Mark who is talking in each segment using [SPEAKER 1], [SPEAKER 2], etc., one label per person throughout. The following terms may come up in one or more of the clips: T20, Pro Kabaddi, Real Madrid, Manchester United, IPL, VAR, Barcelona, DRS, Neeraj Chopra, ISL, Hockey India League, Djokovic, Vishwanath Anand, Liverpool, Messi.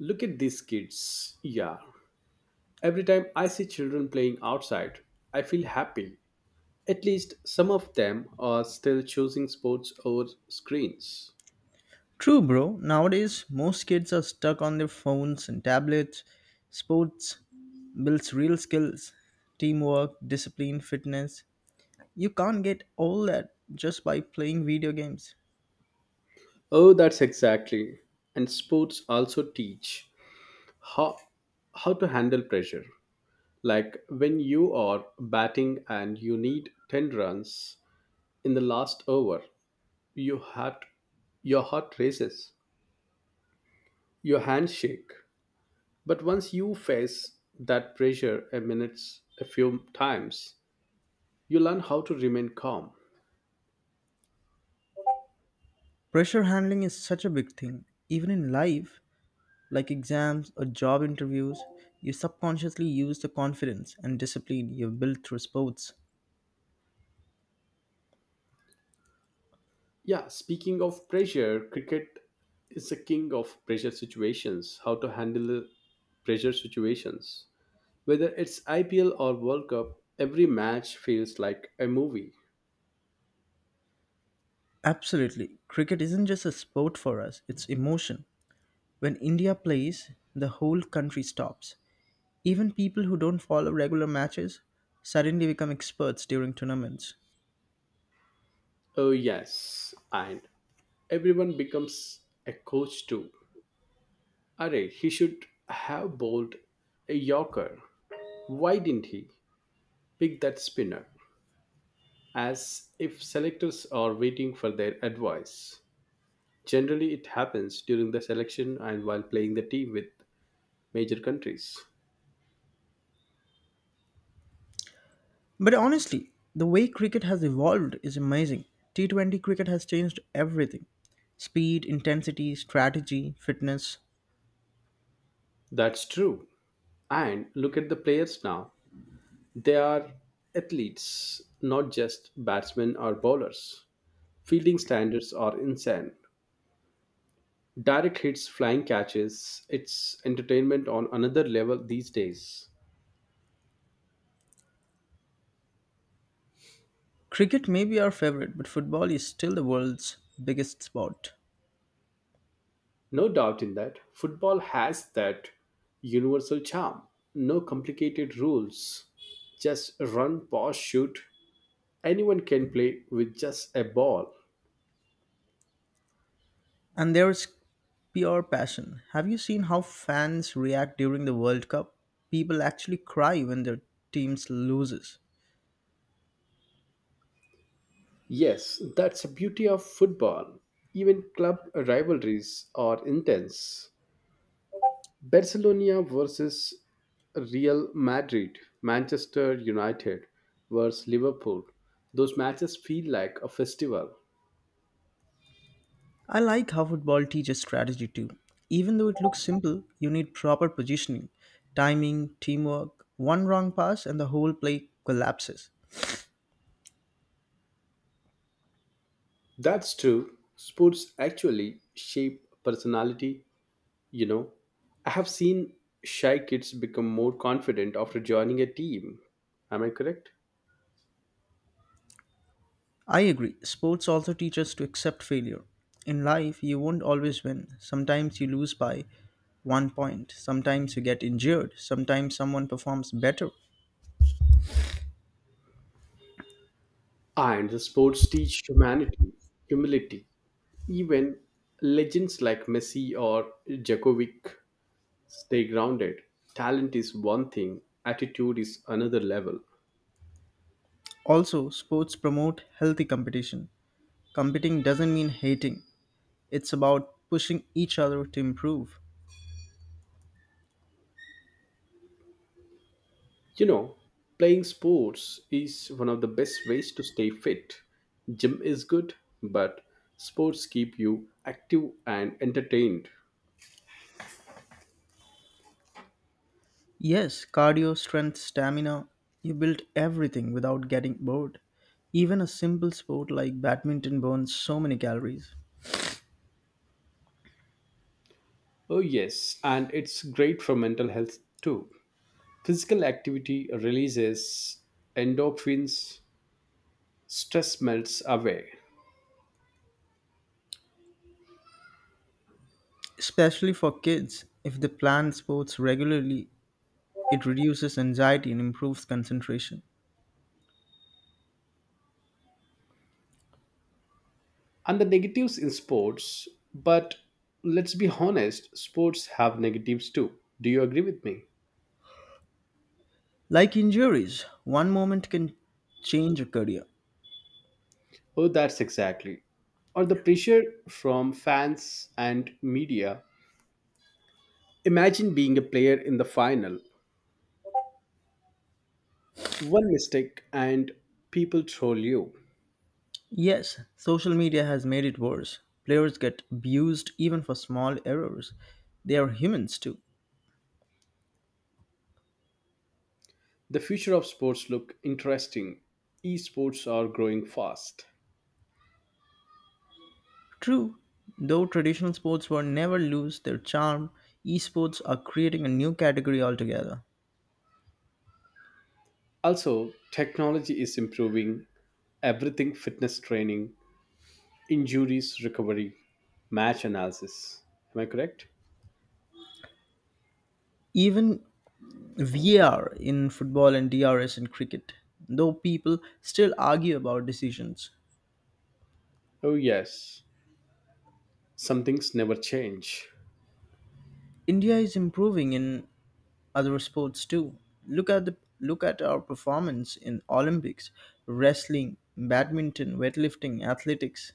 [SPEAKER 1] Look at these kids. Yeah. Every time I see children playing outside, I feel happy. At least some of them are still choosing sports over screens.
[SPEAKER 2] True, bro. Nowadays, most kids are stuck on their phones and tablets. Sports builds real skills teamwork, discipline, fitness. You can't get all that just by playing video games.
[SPEAKER 1] Oh, that's exactly. And sports also teach how how to handle pressure. Like when you are batting and you need 10 runs in the last over, you heart your heart races, your hands shake, but once you face that pressure a few times, you learn how to remain calm.
[SPEAKER 2] Pressure handling is such a big thing. Even in life, like exams or job interviews, you subconsciously use the confidence and discipline you've built through sports.
[SPEAKER 1] Yeah, speaking of pressure, cricket is a king of pressure situations, how to handle pressure situations. Whether it's IPL or World Cup, every match feels like a movie.
[SPEAKER 2] Absolutely. Cricket isn't just a sport for us, it's emotion. When India plays, the whole country stops. Even people who don't follow regular matches suddenly become experts during tournaments.
[SPEAKER 1] Oh yes, and everyone becomes a coach too. Array, he should have bowled a Yorker. Why didn't he pick that spinner? As if selectors are waiting for their advice. Generally, it happens during the selection and while playing the team with major countries.
[SPEAKER 2] But honestly, the way cricket has evolved is amazing. T20 cricket has changed everything speed, intensity, strategy, fitness.
[SPEAKER 1] That's true. And look at the players now. They are athletes, not just batsmen or bowlers. Fielding standards are insane. Direct hits, flying catches, it's entertainment on another level these days.
[SPEAKER 2] Cricket may be our favorite, but football is still the world's biggest sport.
[SPEAKER 1] No doubt in that. Football has that universal charm. No complicated rules. Just run, pass, shoot. Anyone can play with just a ball.
[SPEAKER 2] And there's pure passion. Have you seen how fans react during the World Cup? People actually cry when their teams loses.
[SPEAKER 1] Yes, that's the beauty of football. Even club rivalries are intense. Barcelona versus Real Madrid, Manchester United versus Liverpool. Those matches feel like a festival.
[SPEAKER 2] I like how football teaches strategy too. Even though it looks simple, you need proper positioning, timing, teamwork. One wrong pass and the whole play collapses.
[SPEAKER 1] That's true. Sports actually shape personality, you know. I have seen shy kids become more confident after joining a team. Am I correct?
[SPEAKER 2] I agree, sports also teach us to accept failure. In life, you won't always win. Sometimes you lose by 1 point, sometimes you get injured, sometimes someone performs better.
[SPEAKER 1] Ah, and the sports teach humanity, humility. Even legends like Messi or Djokovic stay grounded. Talent is one thing, attitude is another level.
[SPEAKER 2] Also, sports promote healthy competition. Competing doesn't mean hating, it's about pushing each other to improve.
[SPEAKER 1] You know, playing sports is one of the best ways to stay fit. Gym is good, but sports keep you active and entertained.
[SPEAKER 2] Yes, cardio, strength, stamina, you build everything without getting bored. Even a simple sport like badminton burns so many calories.
[SPEAKER 1] Oh, yes, and it's great for mental health too. Physical activity releases endorphins, stress melts away.
[SPEAKER 2] Especially for kids, if they plan sports regularly, it reduces anxiety and improves concentration.
[SPEAKER 1] And the negatives in sports, but let's be honest, sports have negatives too. Do you agree with me?
[SPEAKER 2] Like injuries, one moment can change a career.
[SPEAKER 1] Oh, that's exactly. Or the pressure from fans and media. Imagine being a player in the final. One mistake and people troll you.
[SPEAKER 2] Yes, social media has made it worse. Players get abused even for small errors. They are humans too.
[SPEAKER 1] The future of sports look interesting. Esports are growing fast.
[SPEAKER 2] True, though traditional sports will never lose their charm, esports are creating a new category altogether.
[SPEAKER 1] Also, technology is improving everything, fitness training, injuries recovery, match analysis. Am I correct?
[SPEAKER 2] Even VAR in football and DRS in cricket, though people still argue about decisions.
[SPEAKER 1] Oh yes. Some things never change.
[SPEAKER 2] India is improving in other sports too. Look at our performance in Olympics, wrestling, badminton, weightlifting, athletics,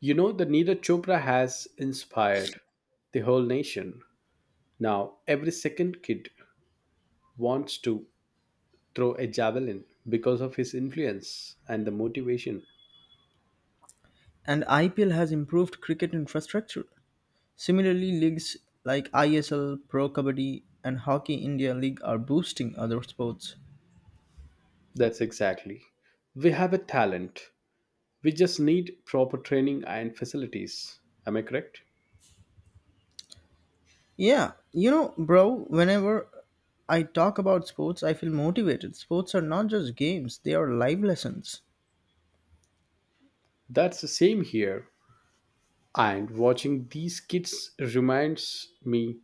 [SPEAKER 1] You know, the Neeraj Chopra has inspired the whole nation. Now, every second kid wants to throw a javelin because of his influence and the motivation.
[SPEAKER 2] and IPL has improved cricket infrastructure. Similarly, leagues like ISL, Pro Kabaddi, and Hockey India League are boosting other sports.
[SPEAKER 1] That's exactly. We have a talent. We just need proper training and facilities. Am I correct?
[SPEAKER 2] Yeah, bro, whenever I talk about sports, I feel motivated. Sports are not just games, they are life lessons.
[SPEAKER 1] That's the same here. And watching these kids reminds me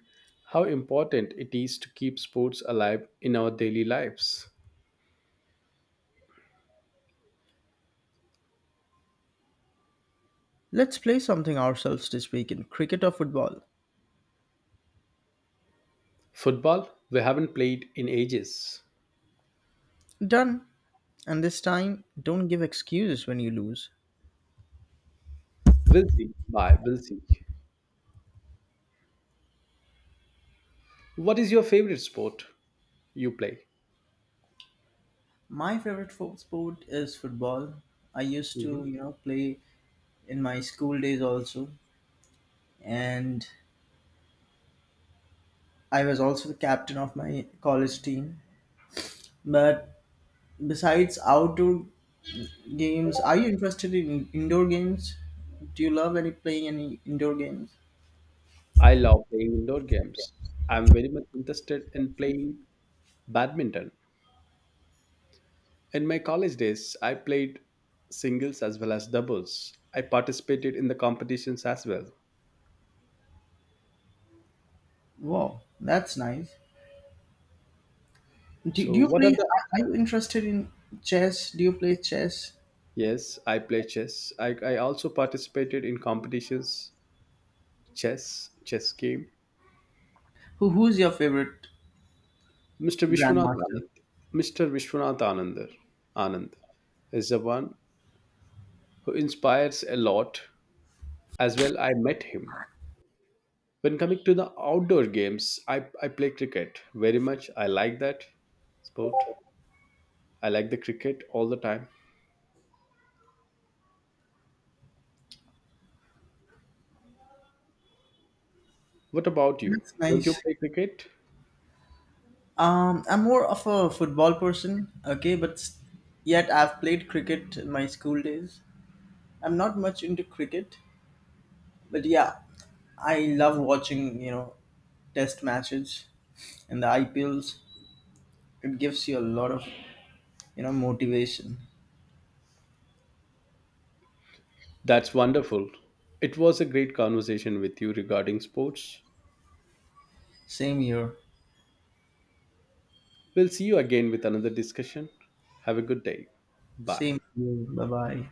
[SPEAKER 1] how important it is to keep sports alive in our daily lives.
[SPEAKER 2] Let's play something ourselves this weekend cricket or football.
[SPEAKER 1] Football? We haven't played in ages.
[SPEAKER 2] Done. And this time, don't give excuses when you lose.
[SPEAKER 1] We'll see. Bye. We'll see. What is your favorite sport you play?
[SPEAKER 2] My favorite sport is football. I used to,
[SPEAKER 1] Hmm.
[SPEAKER 2] play in my school days also. And I was also the captain of my college team. But besides outdoor games, are you interested in indoor games? Do you love any playing any indoor games?
[SPEAKER 1] I love playing indoor games. I'm very much interested in playing badminton. In my college days, I played singles as well as doubles. I participated in the competitions as well.
[SPEAKER 2] Wow, that's nice. Do
[SPEAKER 1] So,
[SPEAKER 2] you
[SPEAKER 1] what are
[SPEAKER 2] play?
[SPEAKER 1] the...
[SPEAKER 2] Are you interested in chess? Do you play chess?
[SPEAKER 1] Yes, I play chess. I also participated in competitions, chess game.
[SPEAKER 2] Who's your favorite
[SPEAKER 1] Mr. Vishwanath
[SPEAKER 2] grandmaster?
[SPEAKER 1] Anand. Mr. Vishwanath Anand, Anand is the one who inspires a lot. As well, I met him. When coming to the outdoor games, I play cricket very much. I like that sport. I like the cricket all the time. What about you?
[SPEAKER 2] That's
[SPEAKER 1] Don't you
[SPEAKER 2] nice.
[SPEAKER 1] play cricket?
[SPEAKER 2] I'm more of a football person. Okay, but yet I've played cricket in my school days. I'm not much into cricket, but yeah, I love watching, test matches and the IPLs. It gives you a lot of, motivation.
[SPEAKER 1] That's wonderful. It was a great conversation with you regarding sports.
[SPEAKER 2] Same here.
[SPEAKER 1] We'll see you again with another discussion. Have a good day. Bye.
[SPEAKER 2] Same here. Bye bye.